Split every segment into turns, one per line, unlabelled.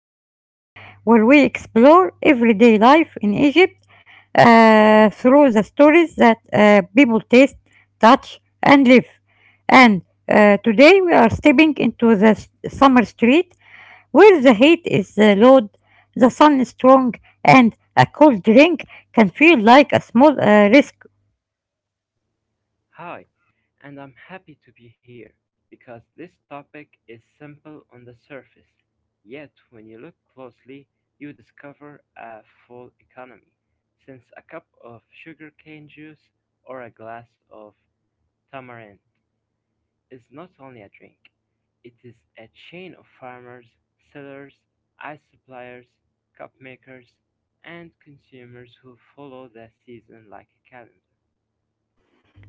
episode where we explore everyday life in Egypt through the stories that people taste, touch, and live. And today we are stepping into the summer street where the heat is low, the sun is strong, and a cold drink can feel like a small risk.
Hi, and I'm happy to be here because this topic is simple on the surface. Yet, when you look closely, you discover a full economy. Since a cup of sugarcane juice or a glass of tamarind is not only a drink, it is a chain of farmers, sellers, ice suppliers, cup makers, and consumers who follow the season like a calendar.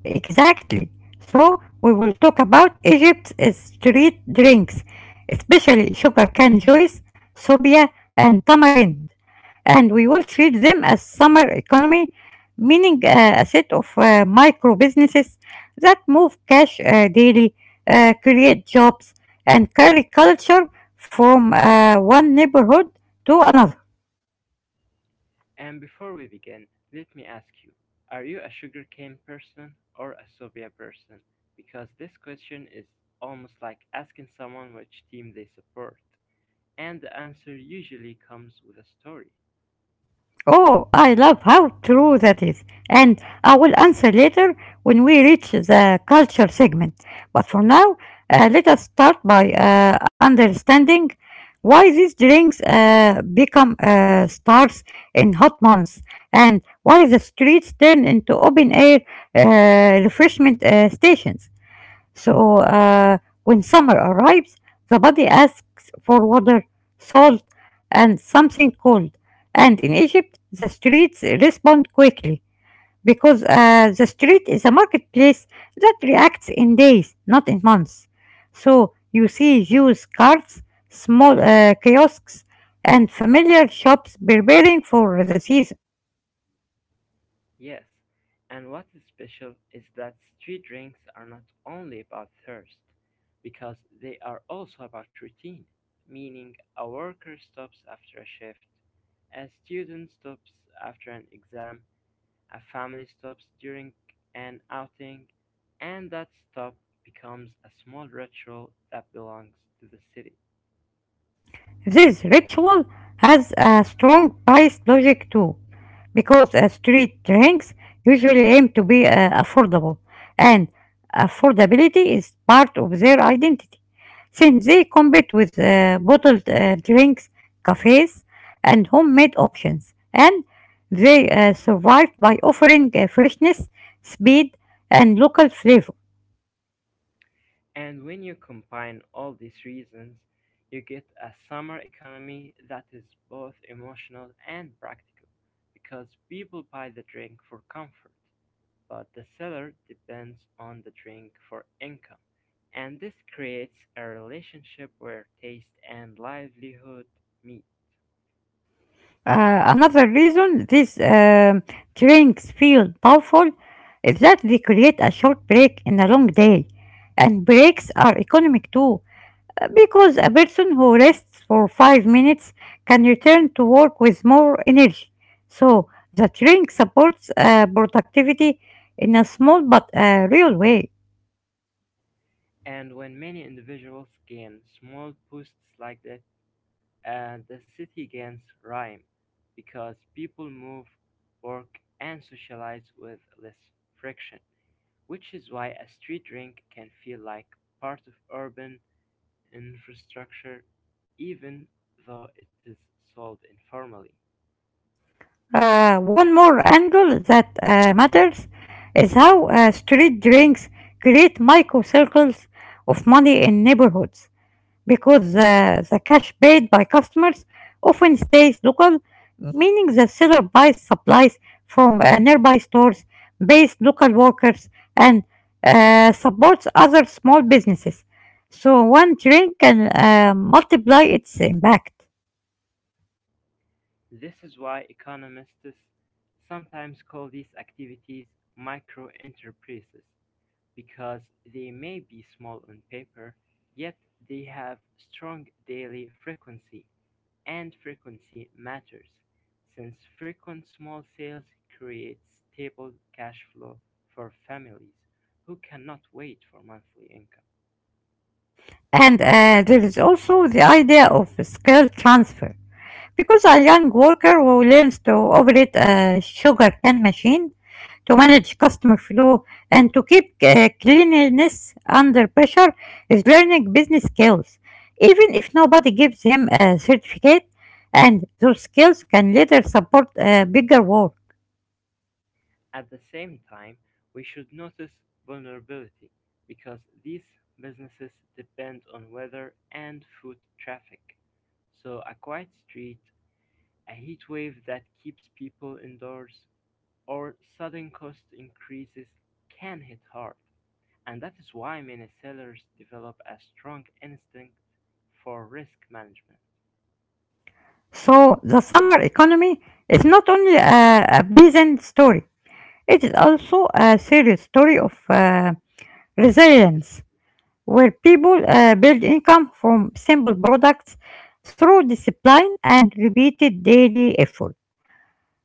Exactly. So we will talk about Egypt's street drinks, especially sugar cane juice, sobia, and tamarind. And we will treat them as summer economy, meaning a set of micro businesses that move cash daily, create jobs, and carry culture from one neighborhood to another.
And before we begin, let me ask you, are you a sugarcane person or a soya person? Because this question is almost like asking someone which team they support. And the answer usually comes with a story.
Oh, I love how true that is. And I will answer later when we reach the culture segment. But for now, let us start by understanding why these drinks become stars in hot months and why the streets turn into open air refreshment stations. So when summer arrives, the body asks for water, salt, and something cold. And in Egypt, the streets respond quickly because the street is a marketplace that reacts in days, not in months. So you see Jews' carts, small kiosks, and familiar shops preparing for the season.
Yes. And what is special is that street drinks are not only about thirst, because they are also about routine, meaning a worker stops after a shift, a student stops after an exam, a family stops during an outing, and that stop becomes a small ritual that belongs to the city.
This ritual has a strong price logic too, because street drinks usually aim to be affordable, and affordability is part of their identity, since they compete with bottled drinks, cafes, and homemade options, and they survive by offering freshness, speed, and local flavor.
And when you combine all these reasons, you get a summer economy that is both emotional and practical because people buy the drink for comfort, but the seller depends on the drink for income. And this creates a relationship where taste and livelihood meet.
Another reason these drinks feel powerful is that they create a short break in a long day. And breaks are economic too, because a person who rests for 5 minutes can return to work with more energy. So the drink supports productivity in a small but real way.
And when many individuals gain small boosts like that, the city gains rhyme because people move, work, and socialize with less friction, which is why a street drink can feel like part of urban infrastructure even though it is sold informally.
One more angle that matters is how street drinks create microcircles of money in neighborhoods because the cash paid by customers often stays local, meaning the seller buys supplies from nearby stores, pays local workers, and supports other small businesses. So one drink can multiply its impact.
This is why economists sometimes call these activities micro enterprises because they may be small on paper, yet they have strong daily frequency, and frequency matters, since frequent small sales create stable cash flow for families who cannot wait for monthly income.
And there is also the idea of skill transfer. Because a young worker who learns to operate a sugar can machine, to manage customer flow, and to keep cleanliness under pressure is learning business skills, even if nobody gives him a certificate, and those skills can later support a bigger work.
At the same time, we should notice vulnerability because these businesses depend on weather and foot traffic. So a quiet street, a heat wave that keeps people indoors or sudden cost increases can hit hard, and that is why many sellers develop a strong instinct for risk management.
So the summer economy is not only a pleasant story, it is also a serious story of resilience, where people build income from simple products through discipline and repeated daily effort.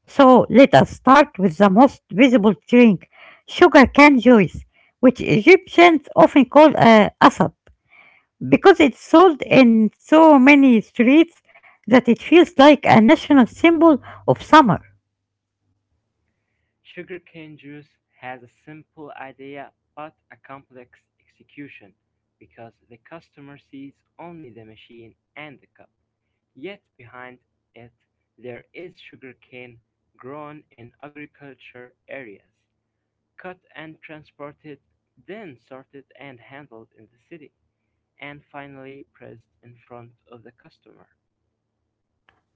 So let us start with the most visible drink, sugar cane juice, which Egyptians often call asap, because it's sold in so many streets that it feels like a national symbol of summer.
Sugarcane juice has a simple idea but a complex execution because the customer sees only the machine and the cup. Yet behind it, there is sugarcane grown in agriculture areas, cut and transported, then sorted and handled in the city, and finally pressed in front of the customer.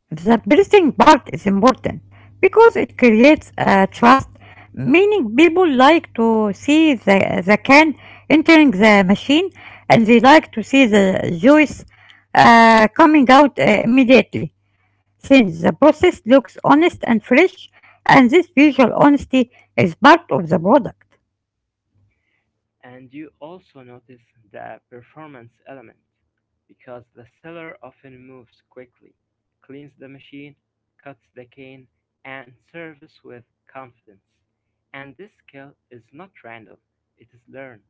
The bursting part is important because it creates a trust, meaning people like to see the can entering the machine and they like to see the juice coming out immediately since the process looks honest and fresh and this visual honesty is part of the product.
And you also notice the performance element, because the seller often moves quickly, cleans the machine, cuts the cane, and serves with confidence. And this skill is not random, it is learned,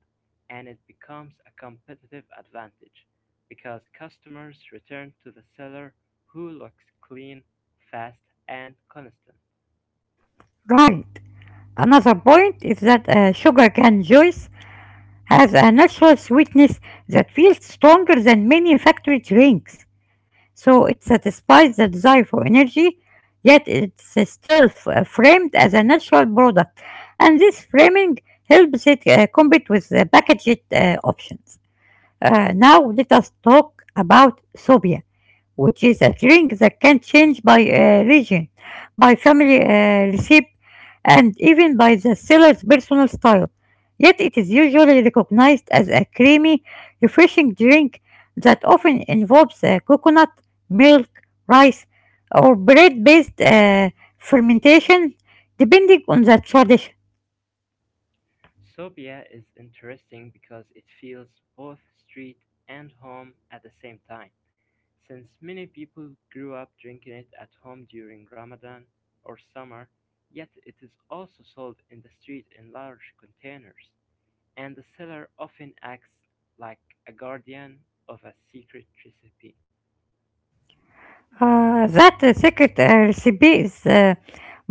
and it becomes a competitive advantage, because customers return to the seller who looks clean, fast, and constant.
Right. Another point is that sugar cane juice has a natural sweetness that feels stronger than many factory drinks. So it satisfies the desire for energy, yet it's still framed as a natural product. And this framing helps it compete with the packaged options. Now let us talk about Sobia, which is a drink that can change by region, by family recipe, and even by the seller's personal style. Yet it is usually recognized as a creamy, refreshing drink that often involves coconut, milk, rice, or bread-based fermentation, depending on the tradition.
Sofia is interesting because it feels both street and home at the same time, since many people grew up drinking it at home during Ramadan or summer, yet it is also sold in the street in large containers, and the seller often acts like a guardian of a secret recipe.
That secret recipe is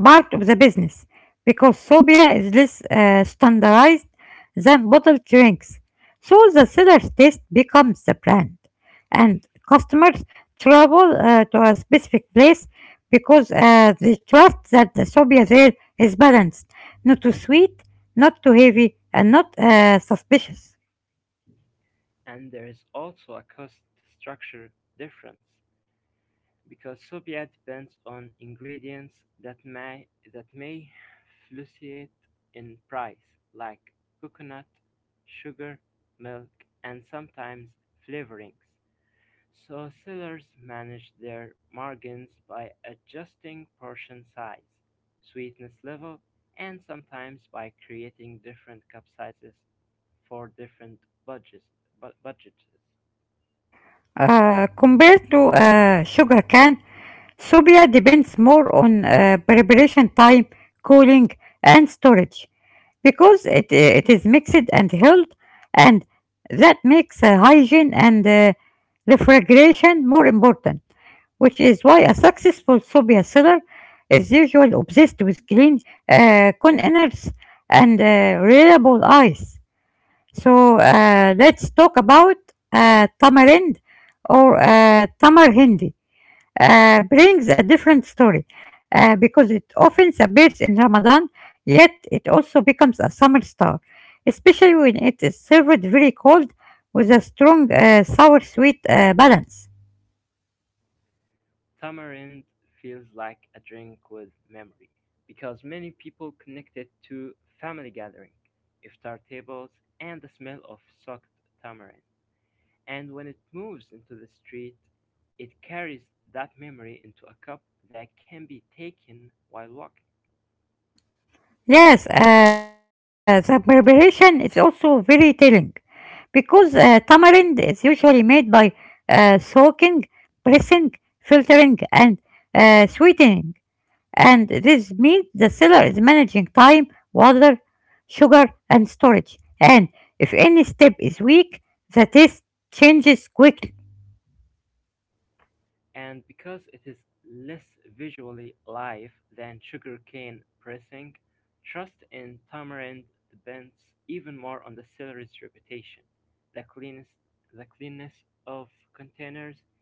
part of the business because sorbia is less standardized than bottled drinks. So the seller's taste becomes the brand, and customers travel to a specific place because they trust that the sorbia there is balanced, not too sweet, not too heavy, and not suspicious.
And there is also a cost structure difference, because soya depends on ingredients that may fluctuate in price, like coconut, sugar, milk, and sometimes flavorings. So sellers manage their margins by adjusting portion size, sweetness level, and sometimes by creating different cup sizes for different budgets. bu- budgets.
Compared to sugar cane, Sophia depends more on preparation time, cooling, and storage because it is mixed and held, and that makes hygiene and refrigeration more important, which is why a successful Sophia seller is usually obsessed with clean containers and reliable ice. So let's talk about tamarind or tamar. Brings a different story because it often appears in Ramadan, yet it also becomes a summer star, especially when it is served very cold with a strong sour sweet balance.
Tamarind feels like a drink with memory because many people connect it to family gathering, iftar tables, and the smell of soaked tamarind. And when it moves into the street, it carries that memory into a cup that can be taken while walking.
Yes, the preparation is also very telling because tamarind is usually made by soaking, pressing, filtering, and sweetening. And this means the seller is managing time, water, sugar, and storage. And if any step is weak, the taste changes quickly.
And because it is less visually live than sugarcane pressing, trust in tamarind depends even more on the seller's reputation, the cleanness, the cleanness of containers,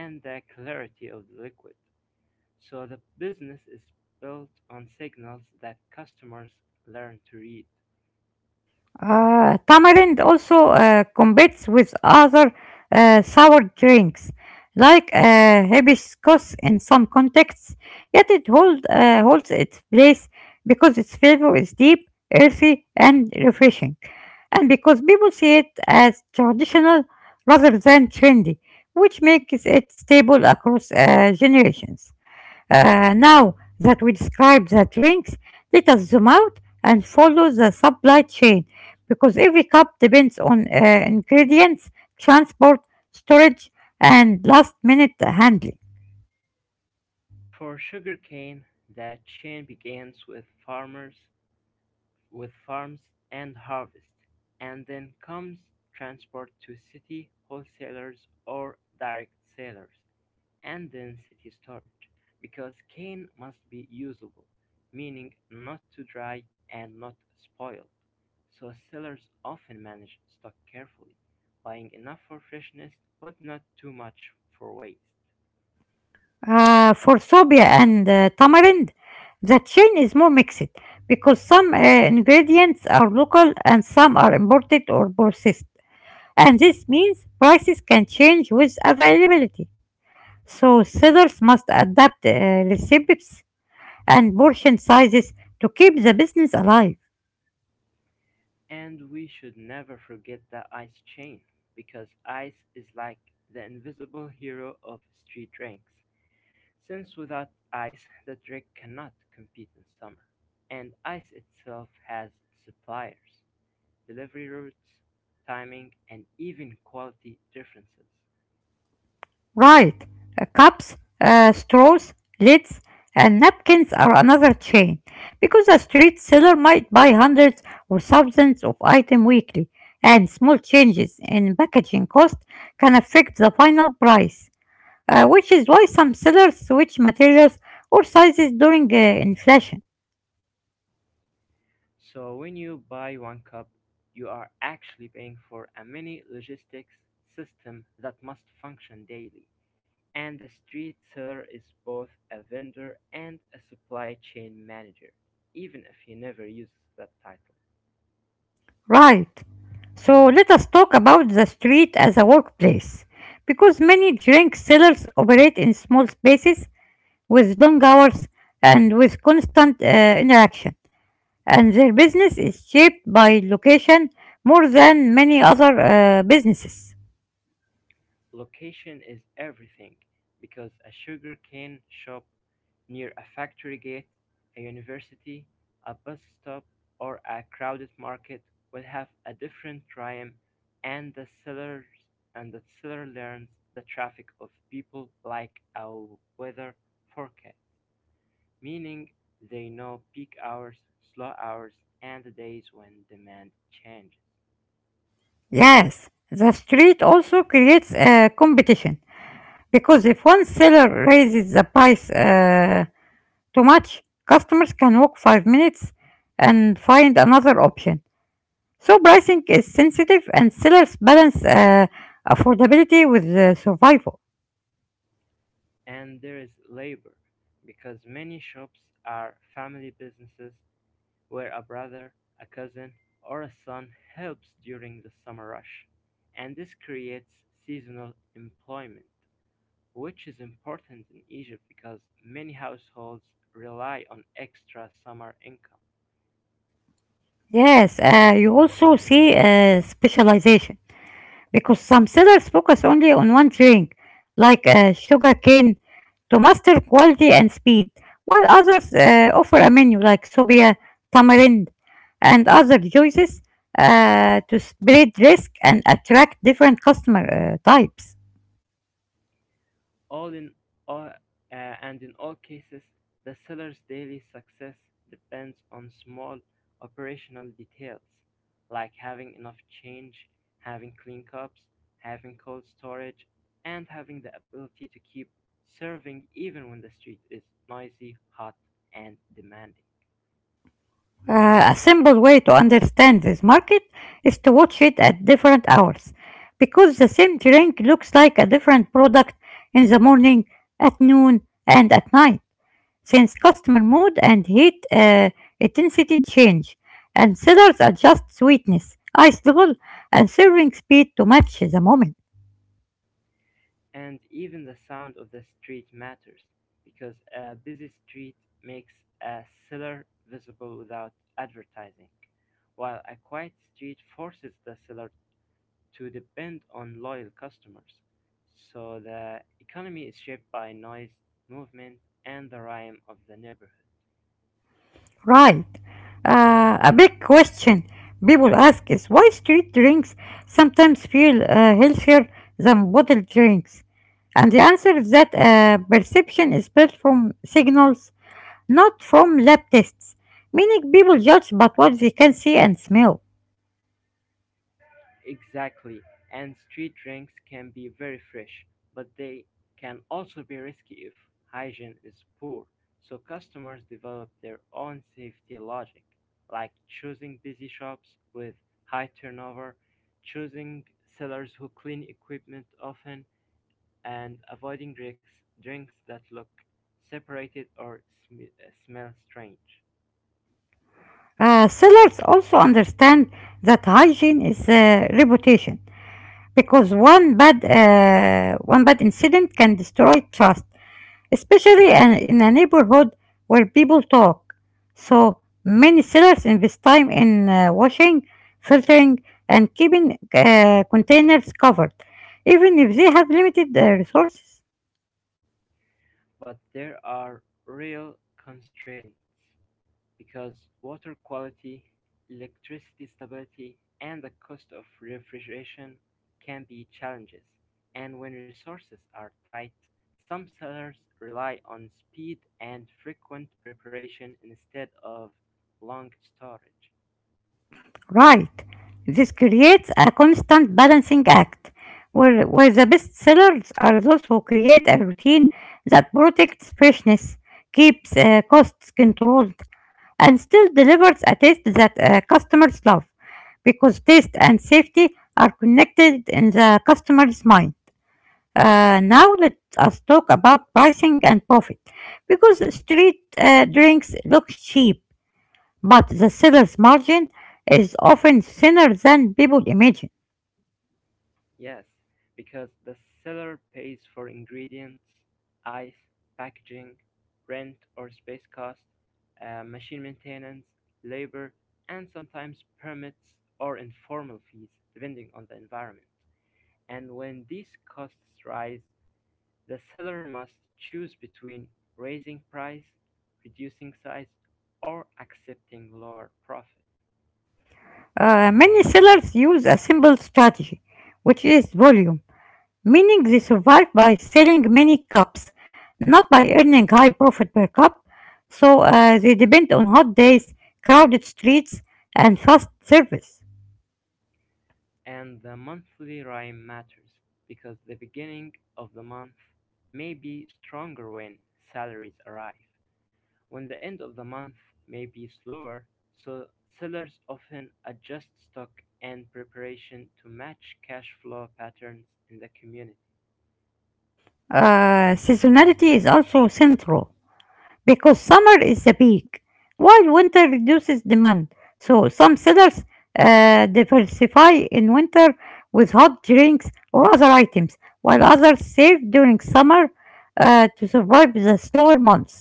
and the clarity of the liquid. So the business is built on signals that customers learn to read.
Tamarind also competes with other sour drinks like hibiscus in some contexts, yet it holds its place because its flavor is deep, earthy, and refreshing, and because people see it as traditional rather than trendy, which makes it stable across generations. Now that we describe the drinks, let us zoom out and follow the supply chain because every cup depends on ingredients, transport, storage, and last minute handling.
For sugarcane, the chain begins with farmers with farms and harvest, and then comes transport to city wholesalers or direct sellers, and then city storage, because cane must be usable, meaning not too dry and not spoiled. So sellers often manage stock carefully, buying enough for freshness but not too much for waste.
For Sobia and Tamarind, the chain is more mixed because some ingredients are local and some are imported or processed. And this means prices can change with availability. So sellers must adapt recipes and portion sizes to keep the business alive.
And we should never forget the ice chain, because ice is like the invisible hero of street ranks, since without ice, the drink cannot compete in summer. And ice itself has suppliers, delivery routes, timing, and even quality differences.
Right, cups, straws, lids, and napkins are another chain because a street seller might buy hundreds or thousands of items weekly, and small changes in packaging cost can affect the final price, which is why some sellers switch materials or sizes during inflation.
So when you buy one cup, you are actually paying for a mini logistics system that must function daily. And the street seller is both a vendor and a supply chain manager, even if he never uses that title.
Right. So let us talk about the street as a workplace. Because many drink sellers operate in small spaces with long hours and with constant interaction, and their business is shaped by location more than many other businesses.
Location is everything because a sugarcane shop near a factory gate, a university, a bus stop, or a crowded market will have a different rhyme, and the sellers and the seller learns the traffic of people like a weather forecast, meaning they know peak hours, slow hours, and the days when demand changes.
Yes, the street also creates competition because if one seller raises the price too much, customers can walk 5 minutes and find another option. So pricing is sensitive and sellers balance affordability with survival.
And there is labor, because many shops are family businesses where a brother, a cousin, or a son helps during the summer rush. And this creates seasonal employment, which is important in Egypt because many households rely on extra summer income.
Yes, you also see specialization because some sellers focus only on one drink, like sugarcane, to master quality and speed, while others offer a menu like sobia, tamarind, and other choices to spread risk and attract different customer types.
All in all, and in all cases, the seller's daily success depends on small operational details, like having enough change, having clean cups, having cold storage, and having the ability to keep serving even when the street is noisy, hot, and demanding.
A simple way to understand this market is to watch it at different hours because the same drink looks like a different product in the morning, at noon, and at night since customer mood and heat intensity change and sellers adjust sweetness, ice level, and serving speed to match the moment.
And even the sound of the street matters, because a busy street makes a seller visible without advertising, while a quiet street forces the seller to depend on loyal customers. So the economy is shaped by noise, movement, and the rhyme of the neighborhood.
Right. A big question people ask is why street drinks sometimes feel healthier than bottled drinks. And the answer is that perception is built from signals, not from lab tests, meaning people judge by what they can see and smell.
Exactly, and street drinks can be very fresh, but they can also be risky if hygiene is poor, so customers develop their own safety logic, like choosing busy shops with high turnover, choosing sellers who clean equipment often, and avoiding drinks that look separated or smell strange.
Sellers also understand that hygiene is reputation, because one bad incident can destroy trust, especially in a neighborhood where people talk. So many sellers invest time in washing, filtering, and keeping containers covered, even if they have limited resources.
But there are real constraints, because water quality, electricity stability, and the cost of refrigeration can be challenges, and when resources are tight, some sellers rely on speed and frequent preparation instead of long storage.
Right. This creates a constant balancing act where the best sellers are those who create a routine that protects freshness, keeps costs controlled, and still delivers a taste that customers love because taste and safety are connected in the customer's mind. Now let us talk about pricing and profit because street drinks look cheap but the seller's margin is often thinner than people imagine.
Yes, because the seller pays for ingredients, ice, packaging, rent or space cost, machine maintenance, labor, and sometimes permits or informal fees, depending on the environment. And when these costs rise, the seller must choose between raising price, reducing size, or accepting lower profit.
Many sellers use a simple strategy, which is volume, meaning they survive by selling many cups, not by earning high profit per cup. So they depend on hot days, crowded streets, and fast service.
And the monthly rhyme matters, because the beginning of the month may be stronger when salaries arrive, when the end of the month may be slower, so sellers often adjust stock and preparation to match cash flow patterns in the community.
Seasonality is also central. Because summer is the peak, while winter reduces demand. So some sellers diversify in winter with hot drinks or other items, while others save during summer to survive the slower months.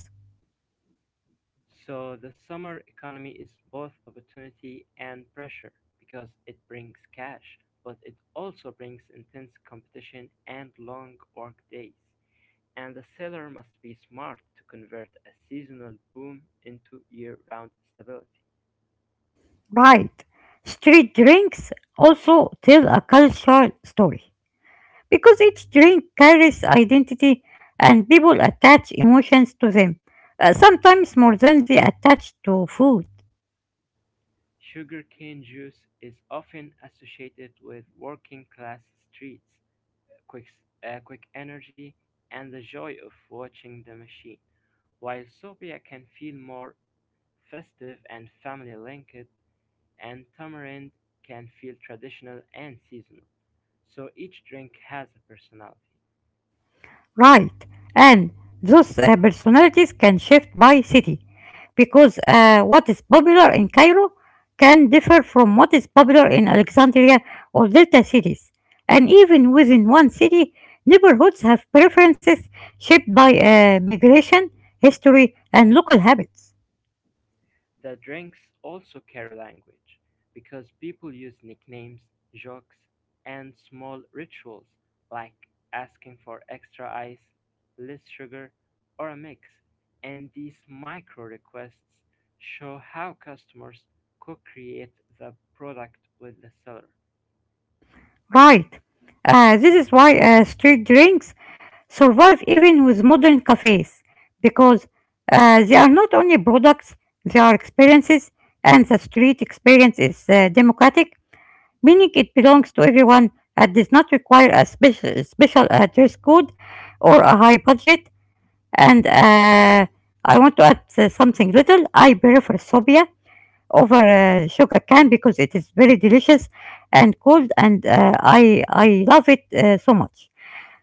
So the summer economy is both opportunity and pressure because it brings cash, but it also brings intense competition and long work days. And the seller must be smart to convert a seasonal boom into year-round stability.
Right. Street drinks also tell a cultural story because each drink carries identity and people attach emotions to them, sometimes more than they attach to food.
Sugarcane juice is often associated with working-class streets, quick, quick energy, and the joy of watching the machine. While sopia can feel more festive and family-linked, and tamarind can feel traditional and seasonal. So each drink has a personality.
Right. And those personalities can shift by city because what is popular in Cairo can differ from what is popular in Alexandria or Delta cities. And even within one city, neighborhoods have preferences shaped by migration, history, and local habits.
The drinks also carry language, because people use nicknames, jokes, and small rituals like asking for extra ice, less sugar, or a mix, and these micro requests show how customers co create the product with the seller.
Right. This is why street drinks survive even with modern cafes because they are not only products, they are experiences, and the street experience is democratic, meaning it belongs to everyone and does not require a special dress code or a high budget. And I want to add something little. I prefer Sobia over sugar cane because it is very delicious and cold and I love it so much.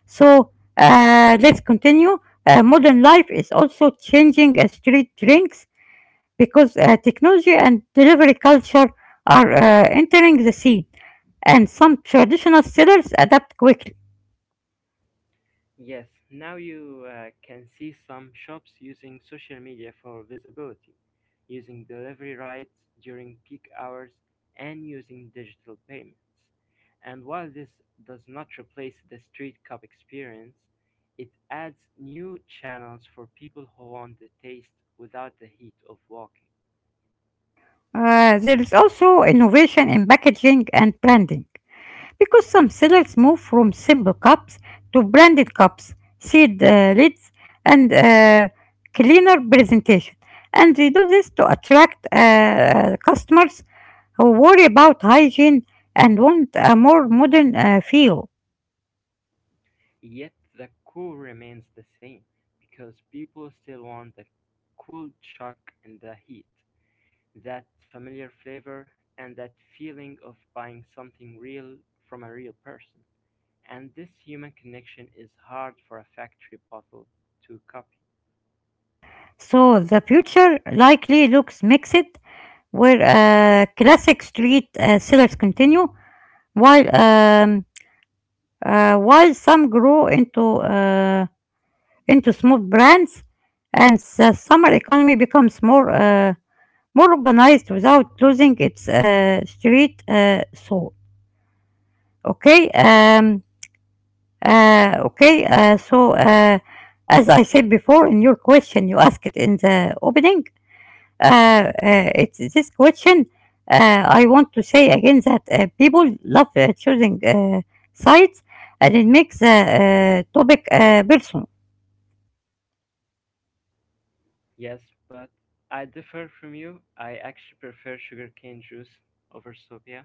So let's continue. Modern life is also changing street drinks because technology and delivery culture are entering the scene, and some traditional sellers adapt quickly.
Yes, now you can see some shops using social media for visibility, using delivery rights during peak hours, and using digital payments. And while this does not replace the street cup experience, it adds new channels for people who want the taste without the heat of walking.
There is also innovation in packaging and branding, because some sellers move from simple cups to branded cups, sealed lids, and cleaner presentation. And they do this to attract customers who worry about hygiene and want a more modern feel.
Yet the cool remains the same because people still want the cool chuck and the heat. That familiar flavor and that feeling of buying something real from a real person. And this human connection is hard for a factory bottle to copy.
So the future likely looks mixed, where classic street sellers continue, while um, while some grow into small brands, and the summer economy becomes more organized without losing its street soul. Okay, um, okay, so, as I said before in your question, you asked in the opening. It's this question. I want to say again that people love choosing sites, and it makes the topic personal.
Yes, but I differ from you. I actually prefer sugarcane juice over sophia.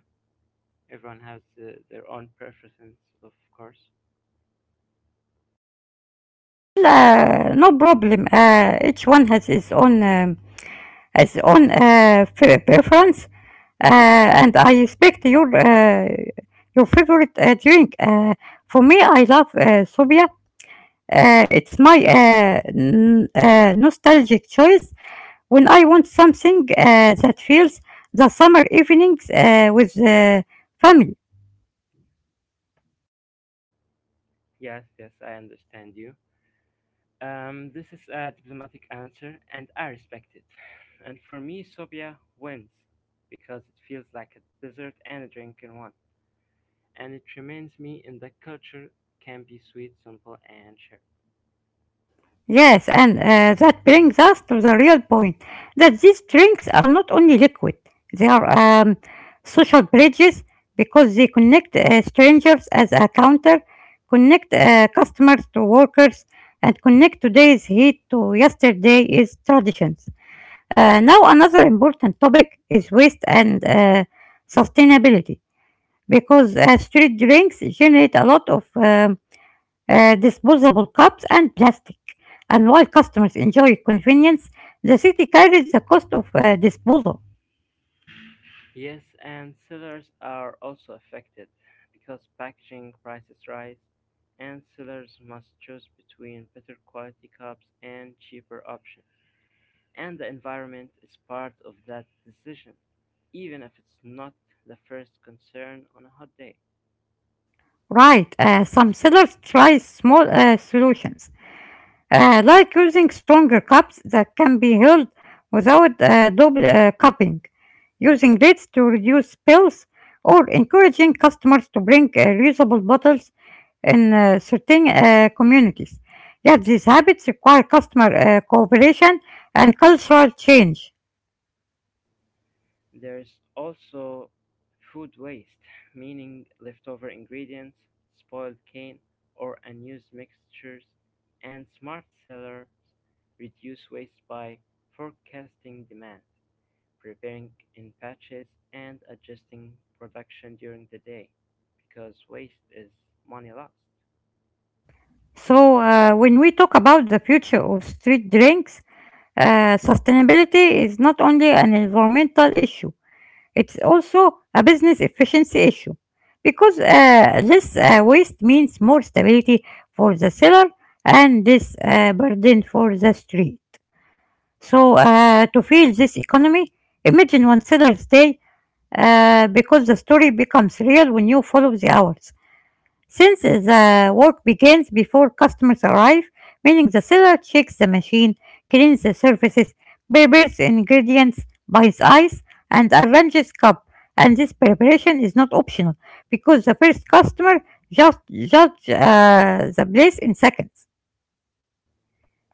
Everyone has their own preference, of course.
Well, no problem. Each one has its own preference, and I respect your favorite drink. For me, I love Sobia. It's my nostalgic choice when I want something that feels the summer evenings with family.
Yes, yes, I understand you. This is a diplomatic answer, and I respect it. And for me, Sobia wins because it feels like a dessert and a drink in one. And it reminds me in the culture can be sweet, simple, and shared.
Yes, and that brings us to the real point that these drinks are not only liquid, they are social bridges because they connect strangers as a counter, connect customers to workers, and connect today's heat to yesterday's traditions. Now, another important topic is waste and sustainability because street drinks generate a lot of disposable cups, and plastic. And while customers enjoy convenience, the city carries the cost of disposal.
Yes, and sellers are also affected because packaging prices rise, and sellers must choose between better quality cups and cheaper options, and the environment is part of that decision, even if it's not the first concern on a hot day.
Right, some sellers try small solutions, like using stronger cups that can be held without double cupping, using lids to reduce spills, or encouraging customers to bring reusable bottles in certain communities. Yet these habits require customer cooperation and cultural change.
There's also food waste, meaning leftover ingredients, spoiled cane, or unused mixtures, and smart sellers reduce waste by forecasting demand, preparing in batches, and adjusting production during the day because waste is money lost.
So, when we talk about the future of street drinks, sustainability is not only an environmental issue, it's also a business efficiency issue because less waste means more stability for the seller and less burden for the street. So, to feel this economy, imagine one seller's day because the story becomes real when you follow the hours. Since the work begins before customers arrive, meaning the seller checks the machine, cleans the surfaces, prepares ingredients, buys ice, and arranges cup. And this preparation is not optional because the first customer just judge the place in seconds.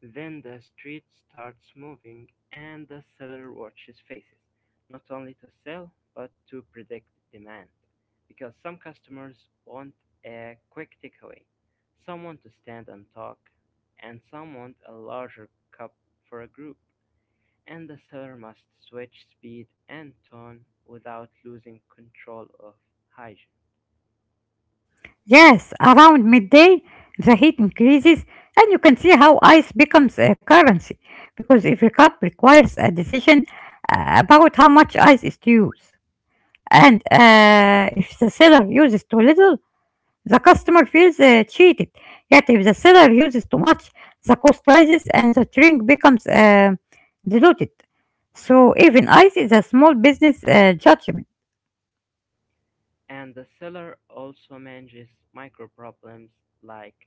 Then the street starts moving and the seller watches faces, not only to sell but to predict demand. Because some customers want a quick takeaway, some want to stand and talk, and some want a larger cup for a group. And the seller must switch speed and tone without losing control of hygiene.
Yes, around midday the heat increases, and you can see how ice becomes a currency because every cup requires a decision about how much ice is to use. And if the seller uses too little, the customer feels cheated. Yet if the seller uses too much, the cost rises and the drink becomes diluted. So even ice is a small business judgment.
And the seller also manages micro problems like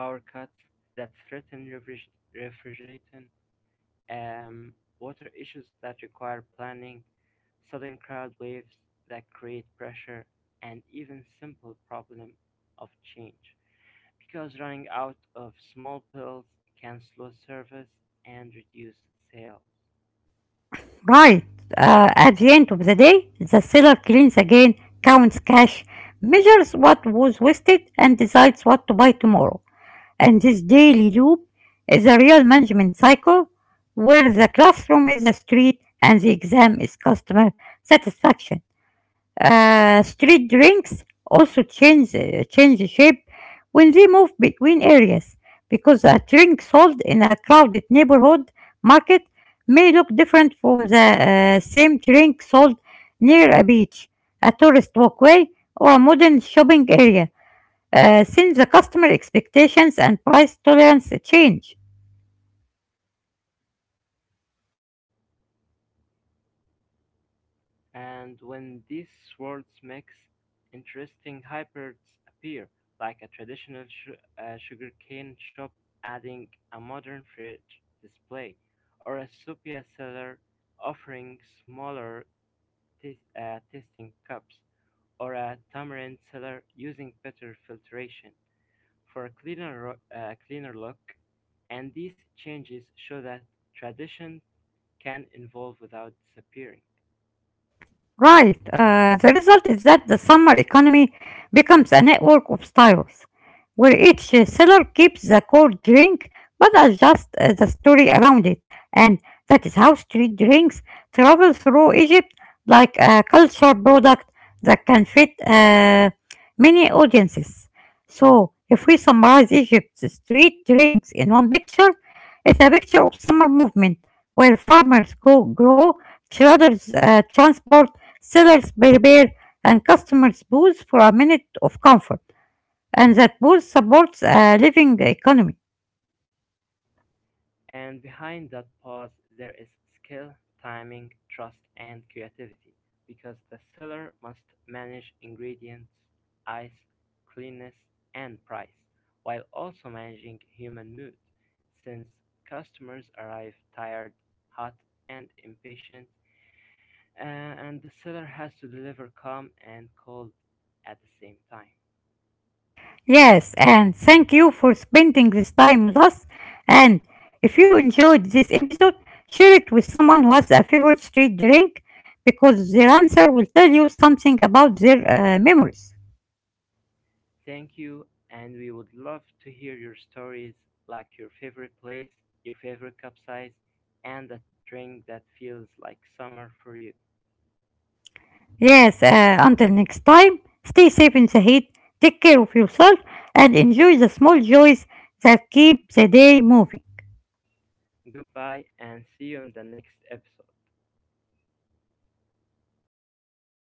power cuts that threaten refrigeration, water issues that require planning, sudden crowd waves that create pressure, and even simple problem of change, because running out of small pills can slow service and reduce sales.
Right. At the end of the day, the seller cleans again, counts cash, measures what was wasted, and decides what to buy tomorrow, and this daily loop is a real management cycle where the classroom is the street and the exam is customer satisfaction. Uh, street drinks also change, shape when they move between areas because a drink sold in a crowded neighborhood market may look different from the same drink sold near a beach, a tourist walkway, or a modern shopping area since the customer expectations and price tolerance change.
And when these worlds mix, interesting hybrids appear, like a traditional sugarcane shop adding a modern fridge display, or a sepia cellar offering smaller tasting cups, or a tamarind cellar using better filtration for a cleaner look. And these changes show that tradition can evolve without disappearing.
Right, the result is that the summer economy becomes a network of styles, where each seller keeps the core drink but adjusts the story around it. And that is how street drinks travel through Egypt like a culture product that can fit many audiences. So, if we summarize Egypt's street drinks in one picture, it's a picture of summer movement where farmers go grow, traders transport, sellers prepare, and customers booze for a minute of comfort and that both supports a living economy.
And behind that pause there is skill, timing, trust and creativity because the seller must manage ingredients, ice, cleanness and price while also managing human mood since customers arrive tired, hot and impatient, and the seller has to deliver calm and cold at the same time.
Yes, and thank you for spending this time with us. And if you enjoyed this episode, share it with someone who has a favorite street drink because their answer will tell you something about their memories.
Thank you and we would love to hear your stories like your favorite place, your favorite cup size, and that drink that feels like summer for you.
Yes, until next time, stay safe in the heat, take care of yourself, and enjoy the small joys that keep the day moving.
Goodbye and see you in the next episode.